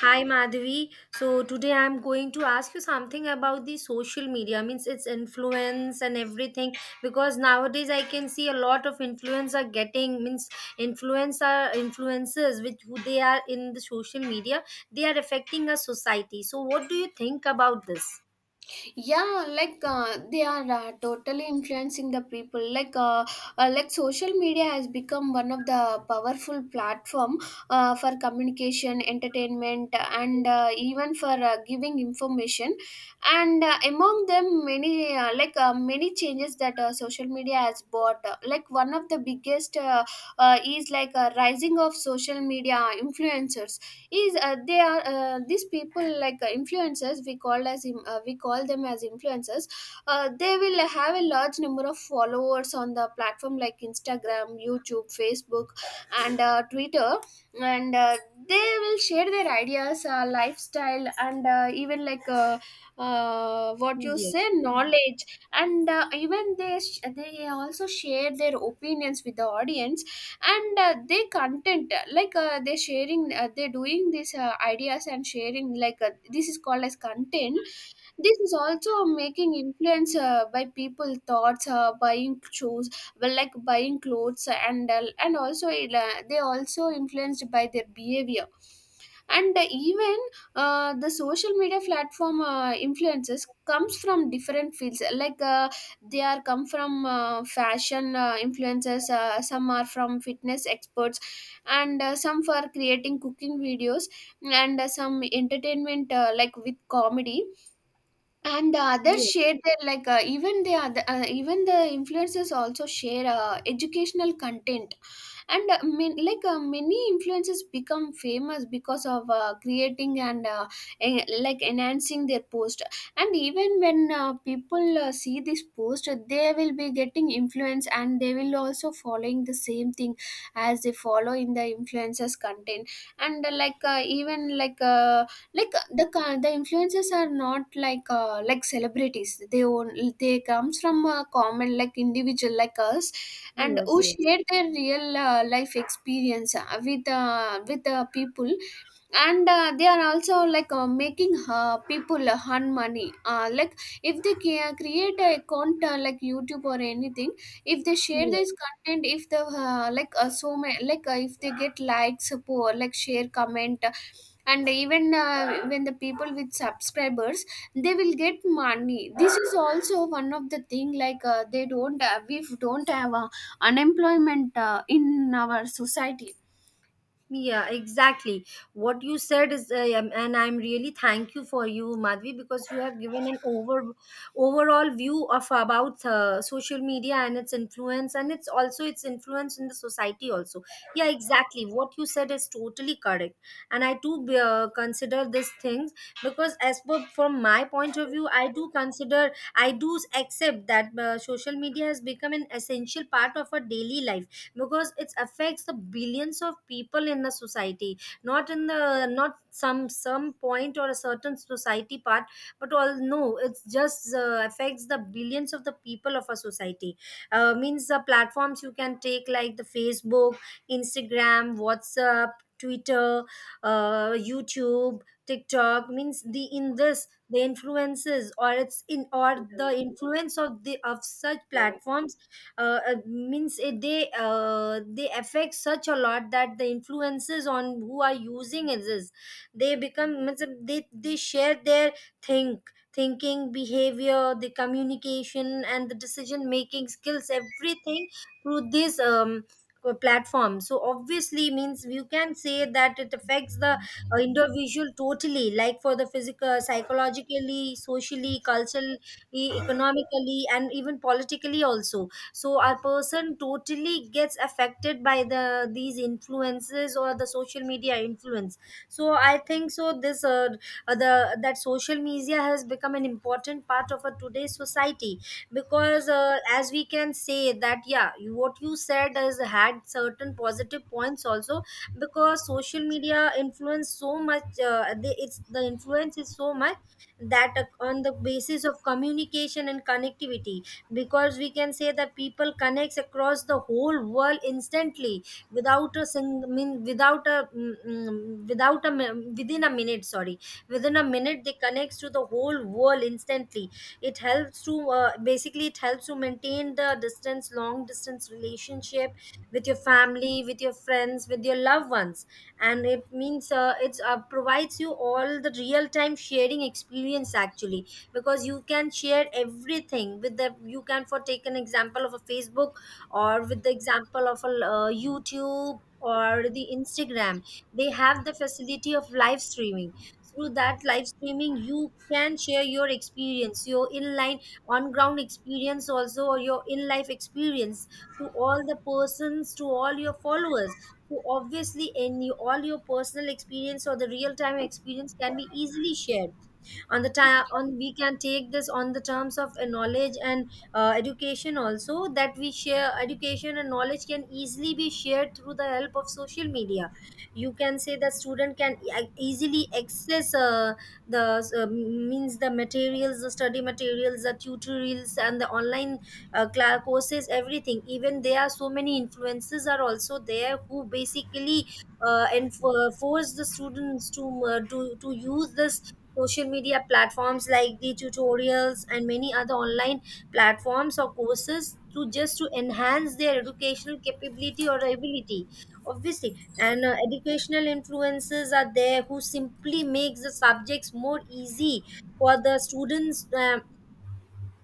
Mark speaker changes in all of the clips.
Speaker 1: Hi Madhavi. So today I'm going to ask you something about the social media, means its influence and everything. Because nowadays I can see a lot of influencer getting means influencers which who they are in the social media. They are affecting our society. So what do you think about this?
Speaker 2: Yeah, like they are totally influencing the people, like social media has become one of the powerful platform for communication, entertainment, and even for giving information. And among them, many many changes that social media has brought, like one of the biggest is like a rising of social media influencers is, they are these people, like influencers we called as im- we call them as influencers. They will have a large number of followers on the platform like Instagram, YouTube, Facebook, and Twitter. And They will share their ideas, lifestyle, and even like what you
Speaker 1: Yes.
Speaker 2: say, knowledge. And even they also share their opinions with the audience. And they content, they're sharing, they're doing these ideas and sharing, like this is called as content. This is also making influence by people thoughts, buying shoes, well, like buying clothes, and and also it, they also influenced by their behavior. And even the social media platform influences comes from different fields, like they are come from fashion, influencers, some are from fitness experts, and some for creating cooking videos, and some entertainment, like with comedy, and the others
Speaker 1: Yes.
Speaker 2: share their, like even the influencers also share educational content. And man, like many influencers become famous because of creating and like enhancing their post. And even when people see this post, they will be getting influence and they will also following the same thing, as they follow in the influencers content. And like even like the influencers are not, like like celebrities, they own, they comes from a common, like individual like us, and
Speaker 1: Yes.
Speaker 2: who
Speaker 1: Yes.
Speaker 2: shared their real life experience with people. And they are also, like making people earn money, like if create a account, like YouTube or anything. If they share
Speaker 1: Yes.
Speaker 2: this content, if the, so many, like if they get likes, support, like, share, comment, and even when the people with subscribers, they will get money. This is also one of the thing, like they don't, we don't have a unemployment in our society.
Speaker 1: Yeah, exactly. What you said is, and I'm really thank you for you, Madhvi, because you have given an overall view of about social media and its influence, and it's also its influence in the society also. Yeah, exactly. What you said is totally correct, and I do consider these things because, as per from my point of view, I do consider, I do accept that social media has become an essential part of our daily life because it affects the billions of people in the society, not in the not some some point or a certain society part, but all no, it's just affects the billions of the people of a society. Means the platforms you can take like the Facebook, Instagram, WhatsApp, Twitter, YouTube, TikTok, means the in this the influences or it's in or the influence of the of such platforms. Means it, they affect such a lot that the influences on who are using it is they become means they share their thinking, behavior, the communication and the decision making skills, everything through this platform. So obviously means you can say that it affects the individual totally like for the physical, psychologically, socially, culturally, economically and even politically also. So our person totally gets affected by the these influences or the social media influence. So I think so this, the that social media has become an important part of our today's society. Because as we can say that, yeah, you- what you said has had certain positive points also, because social media influence so much the, it's the influence is so much that on the basis of communication and connectivity, because we can say that people connects across the whole world instantly without a sing, mean without a without a within a minute, sorry, within a minute they connects to the whole world instantly. It helps to basically it helps to maintain the distance, long distance relationship with your family, with your friends, with your loved ones. And it means it's provides you all the real time sharing experience actually, because you can share everything with the you can for take an example of a Facebook, or with the example of a YouTube or the Instagram. They have the facility of live streaming. Through that live streaming you can share your experience, your inline, on ground experience also, or your in life experience to all the persons, to all your followers. So obviously in you, all your personal experience or the real time experience can be easily shared on the time on we can take this on the terms of knowledge and education also, that we share education and knowledge can easily be shared through the help of social media. You can say that student can easily access the means the materials, the study materials, the tutorials and the online courses, everything. Even there are so many influences are also there who basically and for, force the students to to use this social media platforms like the tutorials and many other online platforms or courses to just to enhance their educational capability or ability. Obviously and educational influences are there who simply makes the subjects more easy for the students,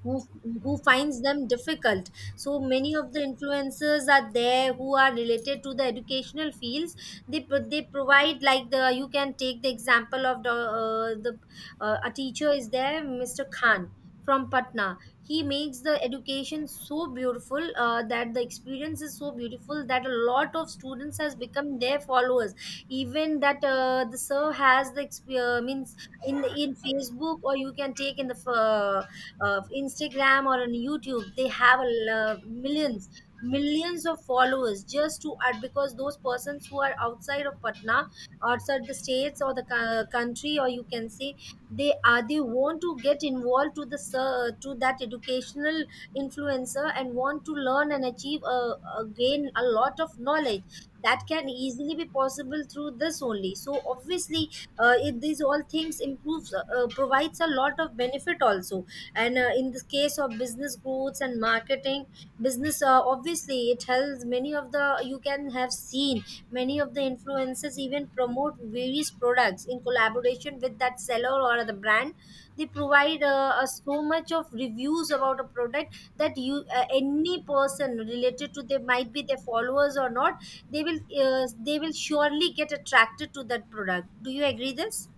Speaker 1: who who finds them difficult. So many of the influencers are there who are related to the educational fields. They provide like the you can take the example of the a teacher is there, Mr. Khan from Patna. He makes the education so beautiful that the experience is so beautiful that a lot of students has become their followers. Even that the sir has the means in the, in Facebook or you can take in the of Instagram or on YouTube, they have a millions, millions of followers just to add, because those persons who are outside of Patna, outside the states or the country, or you can say they are they want to get involved to the to that educational influencer and want to learn and achieve a gain a lot of knowledge. That can easily be possible through this only. So obviously it, these all things improves provides a lot of benefit also. And in the case of business growths and marketing business, obviously it helps many of the you can have seen many of the influencers even promote various products in collaboration with that seller or the brand. They provide us so much of reviews about a product that you any person related to they might be their followers or not, they will they will surely get attracted to that product. Do you agree this?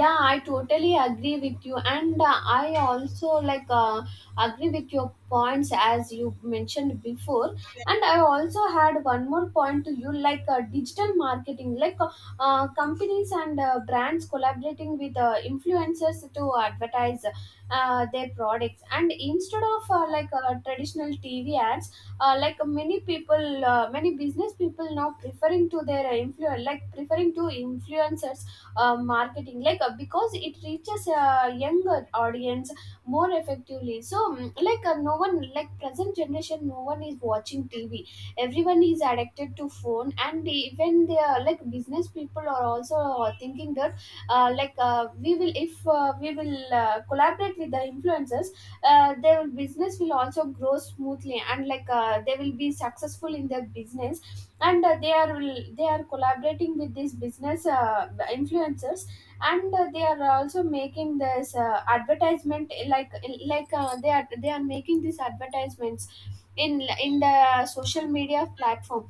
Speaker 2: Yeah, I totally agree with you, and I also, like agree with your points as you mentioned before. And I also had one more point to you, like digital marketing, like companies and brands collaborating with influencers to advertise their products, and instead of traditional tv ads, like many people, many business people now preferring to their influence, like preferring to influencers marketing, because it reaches a younger audience more effectively. So no one, like present generation, no one is watching tv. Everyone is addicted to phone, and even they are, like business people are also thinking that like we will if we will collaborate with the influencers, their business will also grow smoothly, and like they will be successful in their business. And they are collaborating with these business influencers, and they are also making this advertisement, like they are making these advertisements in the social media platform.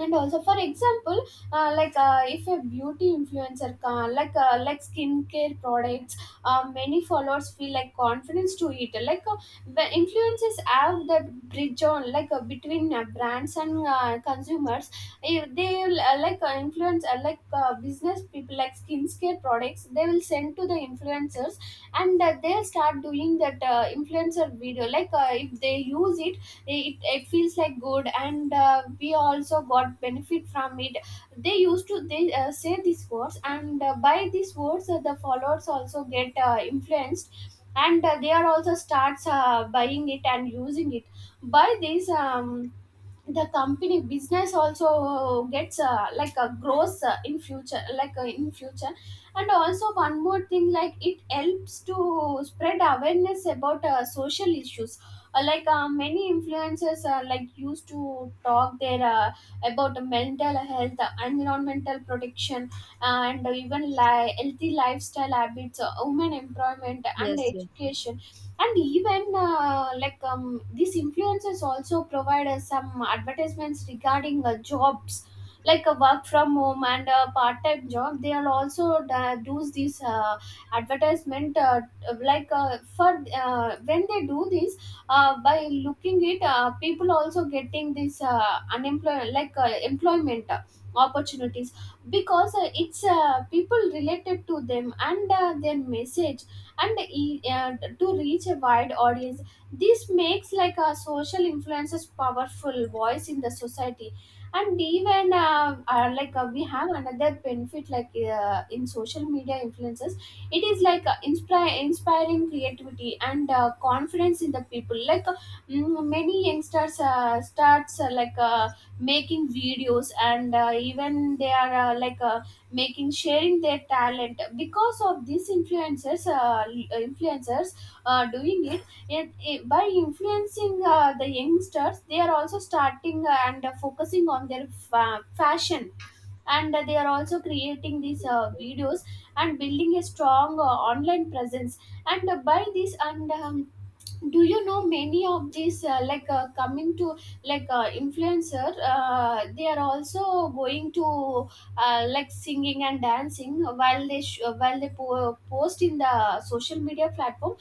Speaker 2: And also, for example, if a beauty influencer can, like skincare products, many followers feel like confidence to eat, like the influencers have that bridge on, like between brands and consumers. If they will, influence, business people, like skincare products they will send to the influencers, and they'll start doing that influencer video. Like if they use it, it feels like good, and we also got benefit from it. They used to, they say these words, and by these words, the followers also get influenced, and they are also starts buying it and using it. By this, the company business also gets like a growth in future. And also one more thing, like it helps to spread awareness about social issues. Like many influencers are, like used to talk there, about mental health, environmental protection, and even healthy lifestyle habits, women employment and
Speaker 1: Yes. Yes.
Speaker 2: education. And even these influencers also provide us some advertisements regarding jobs, like a work from home and a part-time job. They are also do this advertisement, like for when they do this, by looking it, people also getting this unemployment, like employment opportunities, because it's people related to them, and their message and to reach a wide audience. This makes like a social influences powerful voice in the society. And even we have another benefit, like in social media influences, it is like inspiring creativity and confidence in the people. Like many youngsters starts, making videos, and even they are, making, sharing their talent because of these influencers influencers doing it, it, it by influencing the youngsters. They are also starting and focusing on their fashion, and they are also creating these videos and building a strong online presence. And by this and do you know, many of these, coming to, like influencer, they are also going to, like singing and dancing while while post in the social media platform.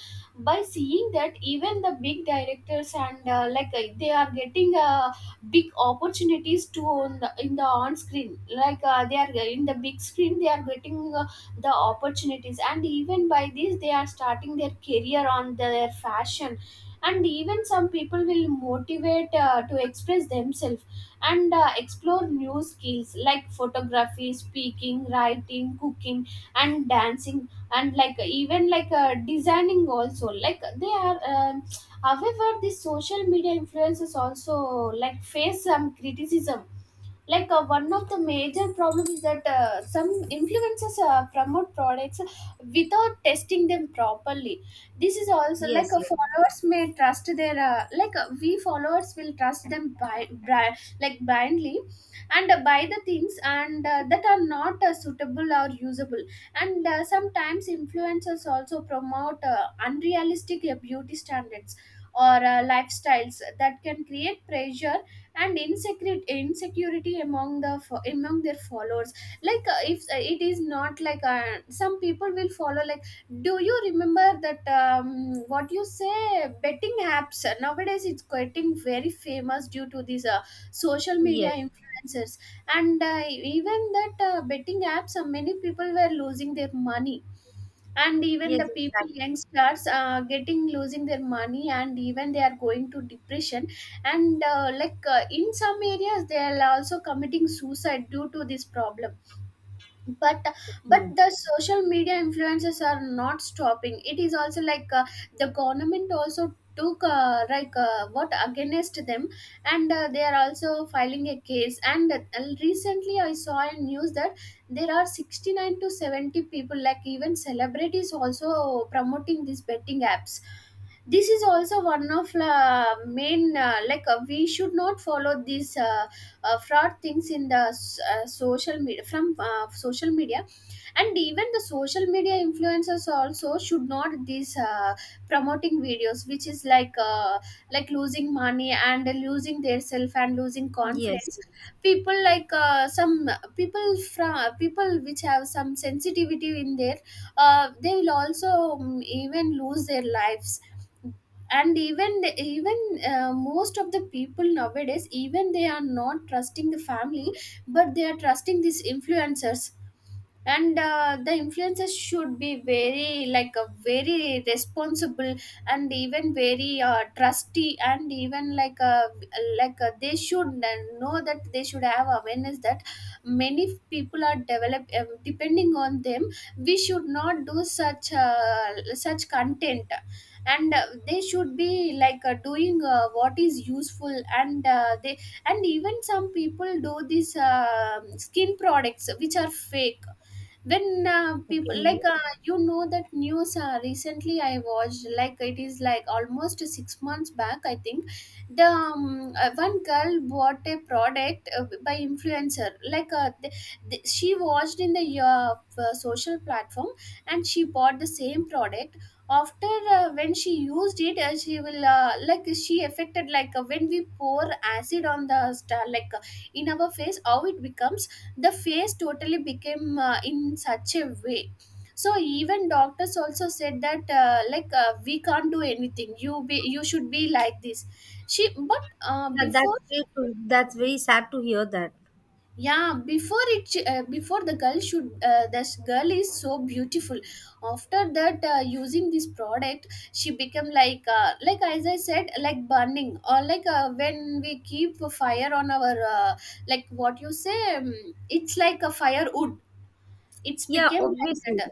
Speaker 2: By seeing that, even the big directors and, they are getting big opportunities to on the, in the on screen, like they are in the big screen, they are getting the opportunities, and even by this they are starting their career on their fashion. And even some people will motivate to express themselves and explore new skills like photography, speaking, writing, cooking, and dancing, and like, even like designing also, like they are. However, the social media influences also like face some criticism. Like one of the major problem is that some influencers promote products without testing them properly. This is also like
Speaker 1: Yes. Yes.
Speaker 2: followers may trust their, we followers will trust them by like blindly, and buy the things, and that are not suitable or usable. And sometimes influencers also promote unrealistic beauty standards or lifestyles that can create pressure and insecurity among among their followers. Like if it is not, like some people will follow, like, do you remember that? What you say, betting apps nowadays, it's getting very famous due to these social media
Speaker 1: Yes.
Speaker 2: influencers. And even that betting apps, many people were losing their money, and even
Speaker 1: Yes.
Speaker 2: the people,
Speaker 1: Exactly.
Speaker 2: youngsters getting, losing their money, and even they are going to depression. And in some areas they are also committing suicide due to this problem. But the social media influences are not stopping. It is also like the government also took, what, against them, and they are also filing a case. And recently I saw a news that there are 69 to 70 people, like even celebrities also promoting these betting apps. This is also one of main, like we should not follow these fraud things in social media, from social media. And even the social media influencers also should not these promoting videos, which is like losing money and losing their self and losing
Speaker 1: Yes,
Speaker 2: confidence.
Speaker 1: yes.
Speaker 2: People like some people, from people which have some sensitivity in their, they will also even lose their lives. And even even most of the people nowadays, even they are not trusting the family, but they are trusting these influencers. And the influencers should be very, like a very responsible, and even very trusty, and even like a, like a, they should know that they should have awareness that many people are develop, depending on them. We should not do such such content. And they should be, like doing what is useful, and they and even Some people do these skin products which are fake. Then people
Speaker 1: Okay.
Speaker 2: you know that news, recently I watched, like, it is like almost 6 months back I think. The One girl bought a product by influencer she watched in the social platform and she bought the same product. After when she used it, she will like, she affected like, when we pour acid on the star, like, in our face, how it becomes. The face totally became in such a way. So even doctors also said that, we can't do anything. You be, you should be like this. She, but
Speaker 1: Yeah,
Speaker 2: before...
Speaker 1: that's very. To, that's very sad to hear that.
Speaker 2: Yeah, before it before, the girl should, this girl is so beautiful. After that, using this product, she became like, like as I said, like burning, or like, when we keep a fire on our like, what you say, it's like a firewood. It's
Speaker 1: Yeah,
Speaker 2: became like
Speaker 1: obviously.
Speaker 2: that.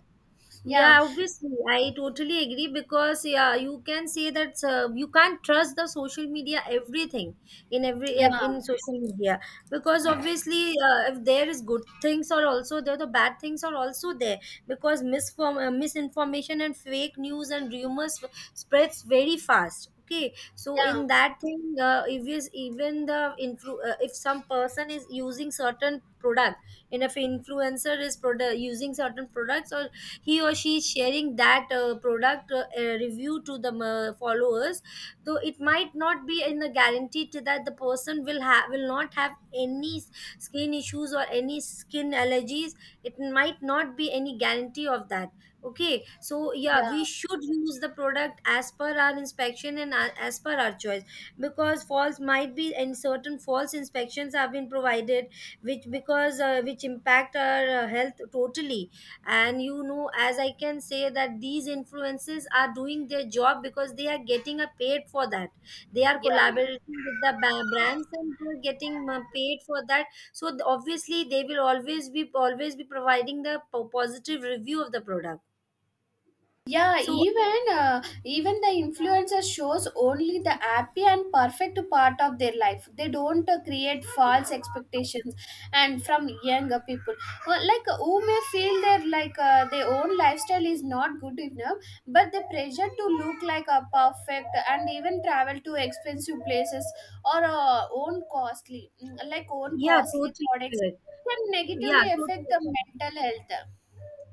Speaker 2: Yeah,
Speaker 1: Yeah, obviously, I totally agree because, yeah, you can say that you can't trust the social media everything in
Speaker 2: yeah,
Speaker 1: in social media. Because obviously if there is good things are also there, the bad things are also there, because misform misinformation and fake news and rumors spreads very fast. Okay, so
Speaker 2: yeah,
Speaker 1: in that thing, if is even the if some person is using certain product, and if influencer is using certain products, or he or she is sharing that product review to the followers, though it might not be in the guarantee to that the person will have will not have any skin issues or any skin allergies. It might not be any guarantee of that. Okay, so yeah, we
Speaker 2: yeah,
Speaker 1: should use the product as per our inspection and as per our choice, because false might be and certain false inspections have been provided, which because which impact our health totally. And you know, as I can say that these influences are doing their job because they are getting a paid for that. They are
Speaker 2: yeah.
Speaker 1: collaborating with the brands and they are getting paid for that. So obviously they will always be providing the positive review of the product.
Speaker 2: Yeah,
Speaker 1: So
Speaker 2: even even the influencer shows only the happy and perfect part of their life. They don't create false expectations, and from younger people, who may feel their, like, their own lifestyle is not good enough, but the pressure to look like a perfect, and even travel to expensive places or own costly, like, own
Speaker 1: yeah,
Speaker 2: costly
Speaker 1: totally
Speaker 2: products
Speaker 1: correct.
Speaker 2: can
Speaker 1: Yeah,
Speaker 2: negatively
Speaker 1: totally
Speaker 2: affect the
Speaker 1: correct.
Speaker 2: mental health.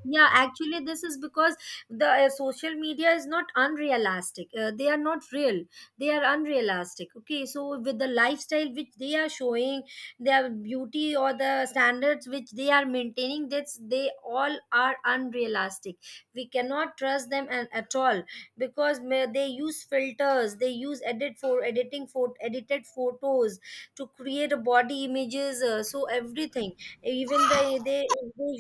Speaker 1: Yeah, actually this is because the social media is not unrealistic, they are not real, they are unrealistic. Okay, so with the lifestyle which they are showing, their beauty or the standards which they are maintaining, that's they all are unrealistic. We cannot trust them and, at all, because may- they use filters, they use edit for editing for edited photos to create a body images, so everything. Even the they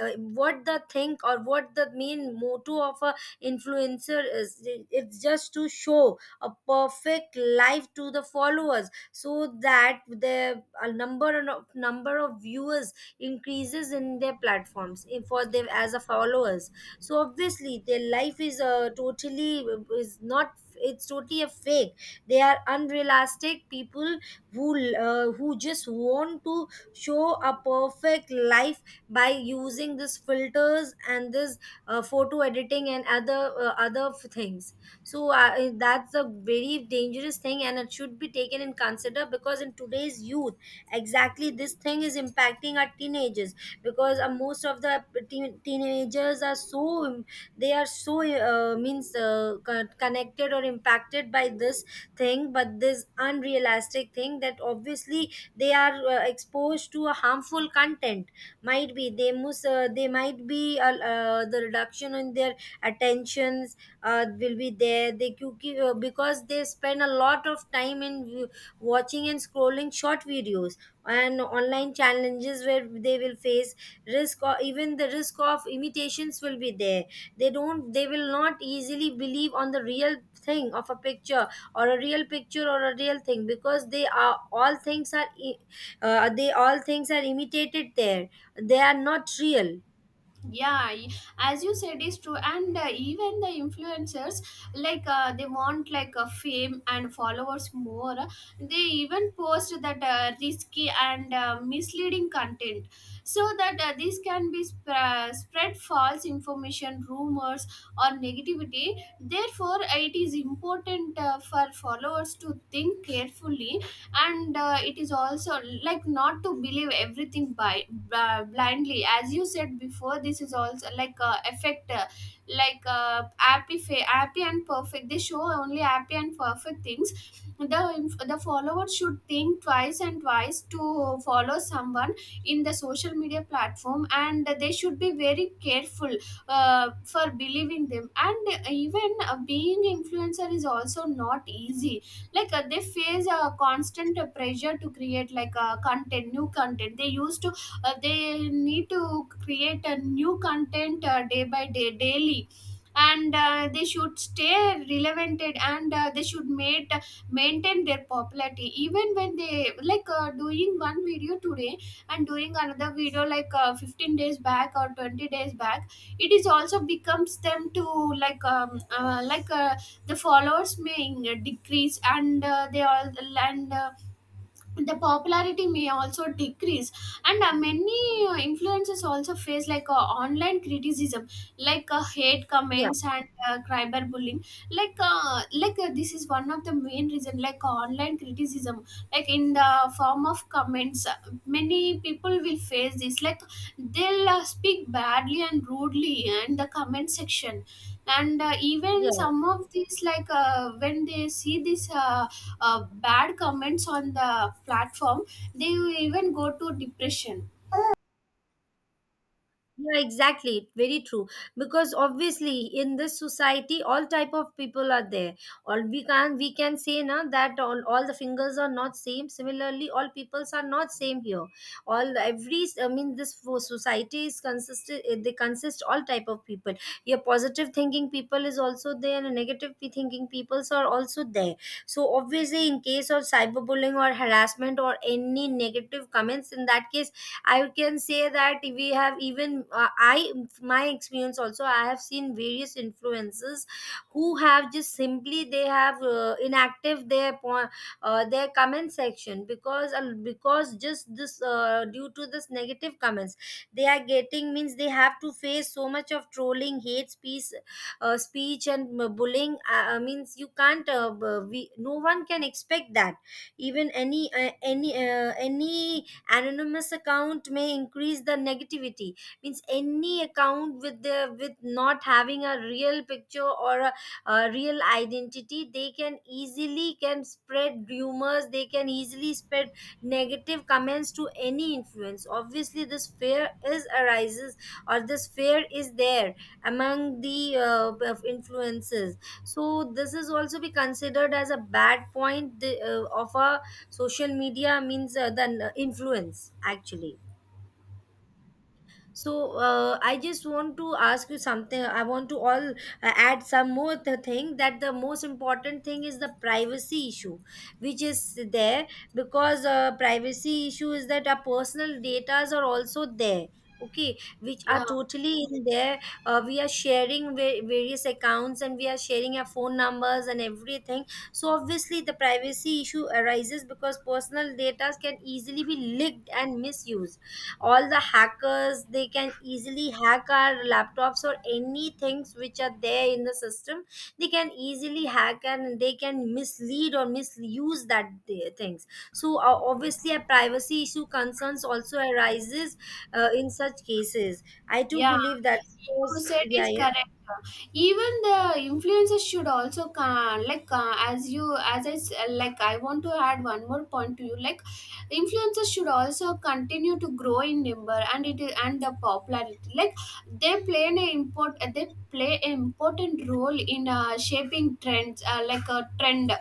Speaker 1: uh, what the think or what the main motto of a influencer is, it's just to show a perfect life to the followers, so that the a number of viewers increases in their platforms in- for them as a followers. So obviously their life is totally is not, it's totally a fake. They are unrealistic people who who just want to show a perfect life by using these filters and this photo editing and other other things. So that's a very dangerous thing and it should be taken in consider, because in today's youth exactly this thing is impacting our teenagers. Because most of the teenagers are so, they are so means connected or impacted by this thing. But this unrealistic thing, that obviously they are exposed to a harmful content, might be they must they might be, the reduction in their attentions will be there. They क्योंकि, because they spend a lot of time in watching and scrolling short videos and online challenges, where they will face risk, or even the risk of imitations will be there. They don't, they will not easily believe on the real thing of a picture or a real picture or a real thing, because they are all things are they all things are imitated there. They are not real.
Speaker 2: yeah y- as you said is true, and even the influencers, they want like, fame and followers more. They even post that risky and misleading content so that this can be spread false information, rumors, or negativity. Therefore it is important, for followers to think carefully, and it is also like not to believe everything by blindly. As you said before, this is also like, effect, happy happy and perfect. They show only happy and perfect things. the the follower should think twice and twice to follow someone in the social media platform, and they should be very careful for believing them. And even being influencer is also not easy. They face a constant pressure to create, like, content, new content. They used to they need to create a new content day by day, daily. And they should stay relevant, and they should maintain their popularity, even when they like, doing one video today and doing another video like, 15 days back or 20 days back. It is also becomes them to like, the followers may decrease, and they all, and the popularity may also decrease. And many influencers also face like, online criticism, hate
Speaker 1: Yeah.
Speaker 2: comments and cyber bullying. This is one of the main reason, online criticism like in the form of comments. Many people will face this, like, they'll speak badly and rudely in the comment section. And even
Speaker 1: Yeah.
Speaker 2: some of these, when they see this, bad comments on the platform, they even go to depression.
Speaker 1: Yeah, exactly, very true. Because obviously in this society all type of people are there. All we can, we can say now that all the fingers are not same, similarly all peoples are not same here. All every, I mean this for society is consisted They consist all type of people. Your positive thinking people is also there and negative thinking peoples are also there. So obviously in case of cyberbullying or harassment or any negative comments, in that case I can say that we have even I, my experience also, I have seen various influencers who have just simply they have inactive their their comment section because just this due to this negative comments they are getting, means they have to face so much of trolling, hate speech speech and bullying. Means you can't, we, no one can expect that even any anonymous account may increase the negativity. Means any account with the, with not having a real picture or a real identity, they can easily can spread rumors, they can easily spread negative comments to any influence. Obviously this fear is arises or this fear is there among the of influences. So this is also be considered as a bad point, of a social media, means the influence actually. So I just want to ask you something. I want to all add some more thing, that the most important thing is the privacy issue, which is there, because privacy issue is that our personal data are also there. Okay, which are
Speaker 2: Yeah.
Speaker 1: totally in there. We are sharing various accounts and we are sharing our phone numbers and everything. So obviously the privacy issue arises because personal data can easily be leaked and misused. All the hackers, they can easily hack our laptops or any things which are there in the system, they can easily hack and they can mislead or misuse that things. So obviously a privacy issue concerns also arises in such cases. I do
Speaker 2: Yeah,
Speaker 1: believe that,
Speaker 2: you said
Speaker 1: yeah,
Speaker 2: is correct. Even the influencers should also, as you, as I like, I want to add one more point to you. Like, influencers should also continue to grow in number and it is, and the popularity. Like, they play an import they play an important role in shaping trends, like a trend,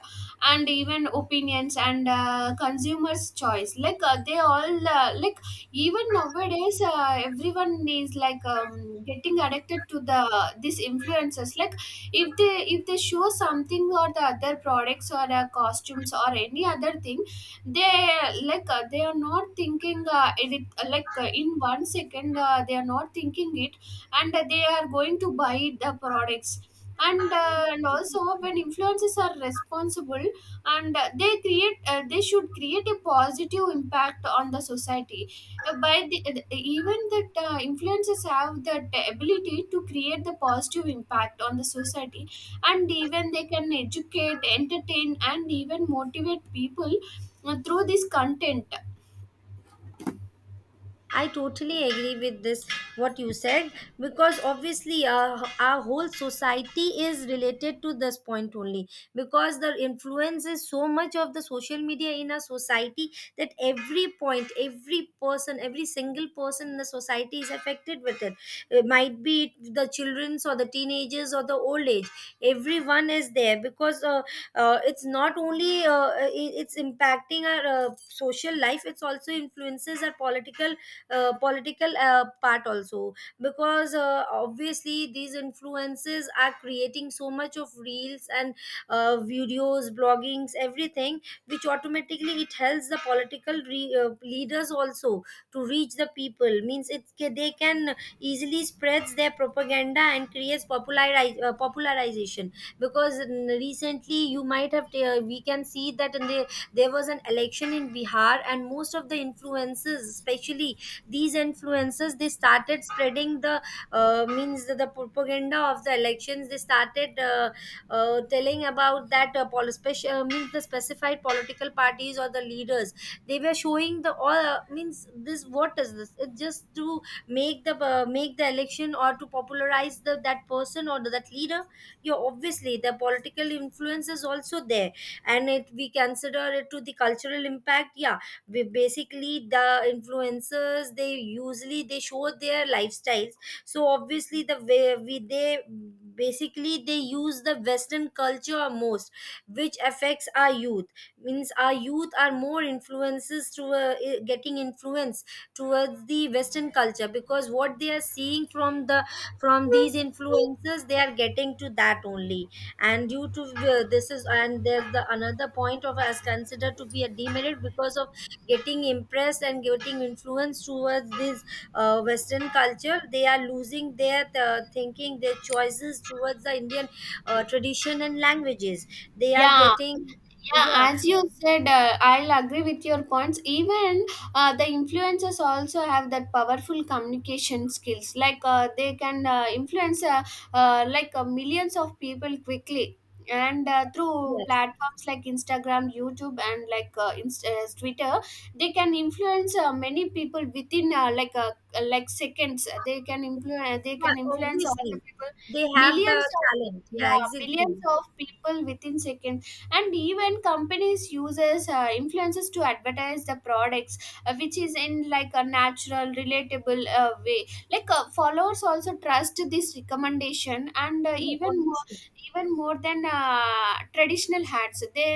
Speaker 2: and even opinions and consumers choice. They all, even nowadays, everyone is like, getting addicted to the these influencers. Like, if they show something or the other products or costumes or any other thing, they they are not thinking, it, like in 1 second, they are not thinking it, and they are going to buy the products. And also, when influencers are responsible, and they should create a positive impact on the society. Even that, influencers have that ability to create the positive impact on the society, and even they can educate, entertain, and even motivate people through this content.
Speaker 1: I totally agree with this, what you said, because obviously our whole society is related to this point only, because the influence is so much of the social media in our society, that every point, every person, every single person in the society is affected with it. It might be it the children's or the teenagers or the old age, everyone is there. Because it's not only, it's impacting our social life, it's also influences our political part also, because obviously these influences are creating so much of reels and videos, bloggings, everything, which automatically it helps the political leaders also to reach the people. Means they can easily spreads their propaganda and creates popularize, popularization. Because recently you might have we can see that in the, there was an election in Bihar, and most of the influences, especially these influencers, they started spreading the means the propaganda of the elections. They started telling about that means the specified political parties or the leaders. They were showing the all means this, what is this, it's just to make the election or to popularize the that person or that leader. You obviously the political influence is also there, and it we consider it to the cultural impact, yeah. We basically the influencers, they usually they show their lifestyles. So obviously the way we they basically they use the Western culture most, which affects our youth. Means our youth are more influences to getting influence towards the Western culture, because what they are seeing from the, from these influencers, they are getting to that only. And due to this is, and there's the another point of as considered to be a demerit, because of getting impressed and getting influenced towards this Western culture, they are losing their thinking, their choices towards the Indian tradition and languages. They are
Speaker 2: Yeah.
Speaker 1: getting,
Speaker 2: Yeah,
Speaker 1: yeah.
Speaker 2: as you said, I'll agree with your points. Even the influencers also have that powerful communication skills. They can influence, millions of people quickly and through
Speaker 1: Yes.
Speaker 2: platforms like Instagram, YouTube, and Twitter. They can influence many people within, like seconds. They
Speaker 1: Yeah,
Speaker 2: can influence all the
Speaker 1: obviously
Speaker 2: people.
Speaker 1: they have the
Speaker 2: Millions of
Speaker 1: talent, yeah,
Speaker 2: yeah, millions
Speaker 1: exactly.
Speaker 2: of people within seconds. And even companies uses influences to advertise the products, which is in, like, a natural, relatable way. Followers also trust this recommendation, and
Speaker 1: Yeah,
Speaker 2: even more,
Speaker 1: obviously.
Speaker 2: even more than traditional hats.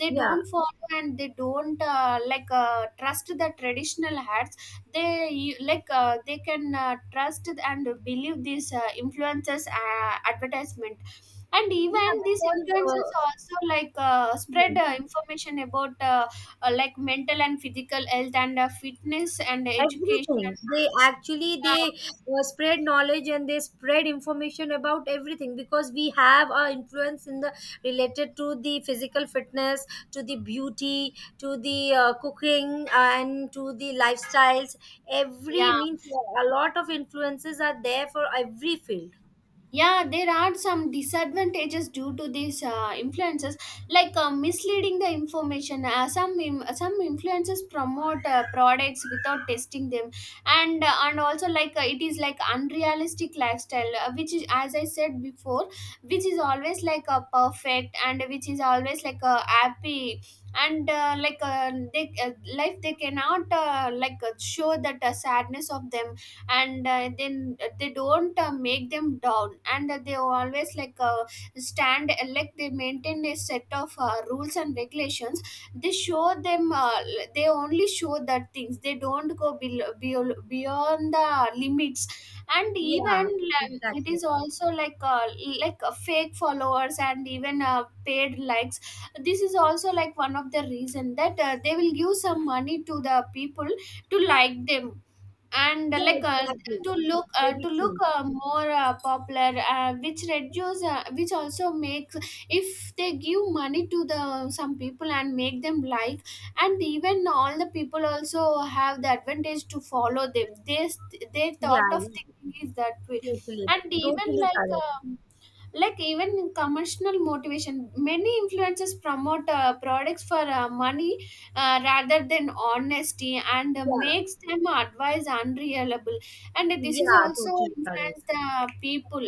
Speaker 2: They
Speaker 1: Yeah,
Speaker 2: don't follow and they don't trust the traditional hats. They, they can trust and believe these influencers advertisement. And
Speaker 1: yeah,
Speaker 2: even these influencers
Speaker 1: because
Speaker 2: also spread
Speaker 1: uh,
Speaker 2: information about mental and physical health and fitness and
Speaker 1: everything,
Speaker 2: education.
Speaker 1: they actually they
Speaker 2: Yeah,
Speaker 1: spread knowledge and they spread information about everything, because we have our influence in the, related to the physical fitness, to the beauty, to the cooking, and to the lifestyles. Every
Speaker 2: yeah.
Speaker 1: means a lot of influences are there for every field.
Speaker 2: Yeah, there are some disadvantages due to these influences, misleading the information. Some influences promote products without testing them. And and also, it is like unrealistic lifestyle, which is, as I said before, which is always like a perfect and which is always like a happy, and they, life, they cannot, show that sadness of them. And then they don't make them down, and they always stand, they maintain a set of rules and regulations. They show them, they only show that things. They don't go below, below, beyond the limits. And
Speaker 1: Yeah,
Speaker 2: even, it
Speaker 1: exactly.
Speaker 2: is also like, fake followers and even paid likes. This is also like one of the reason that they will give some money to the people to like them. And
Speaker 1: Yeah, exactly, very
Speaker 2: to look
Speaker 1: true.
Speaker 2: more popular, which reduce, which also makes, if they give money to the some people and make them like. And even all the people also have the advantage to follow them. They
Speaker 1: Yeah,
Speaker 2: thought of
Speaker 1: yeah,
Speaker 2: thinking is that way.
Speaker 1: totally.
Speaker 2: And even
Speaker 1: Totally correct.
Speaker 2: even commercial motivation, many influencers promote products for money, rather than honesty, and
Speaker 1: Yeah,
Speaker 2: makes them advice unreliable. And this is
Speaker 1: yeah,
Speaker 2: also
Speaker 1: totally correct.
Speaker 2: influence the people.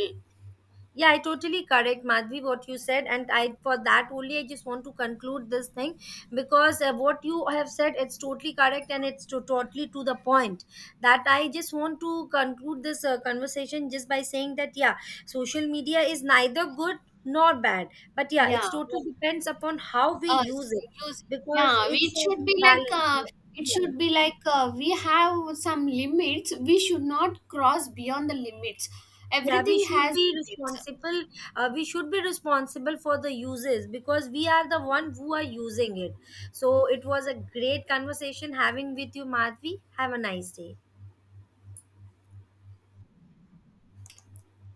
Speaker 1: Yeah, I totally correct, Madhvi, what you said. And I, for that only, I just want to conclude this thing, because what you have said, it's totally correct and it's to, totally to the point. That I just want to conclude this conversation just by saying that, yeah, social media is neither good nor bad. But yeah, it's
Speaker 2: Yeah.
Speaker 1: totally depends upon how we
Speaker 2: uh,
Speaker 1: use it,
Speaker 2: Use.
Speaker 1: because
Speaker 2: Yeah,
Speaker 1: it's
Speaker 2: it
Speaker 1: a
Speaker 2: should be like,
Speaker 1: balance.
Speaker 2: it
Speaker 1: Yeah.
Speaker 2: should be like, we have some limits, we should not cross beyond the limits.
Speaker 1: Yeah, we
Speaker 2: Everything
Speaker 1: should
Speaker 2: has
Speaker 1: be
Speaker 2: limits.
Speaker 1: responsible. We should be responsible for the uses, because we are the one who are using it. So it was a great conversation having with you, Madhvi. Have a nice day.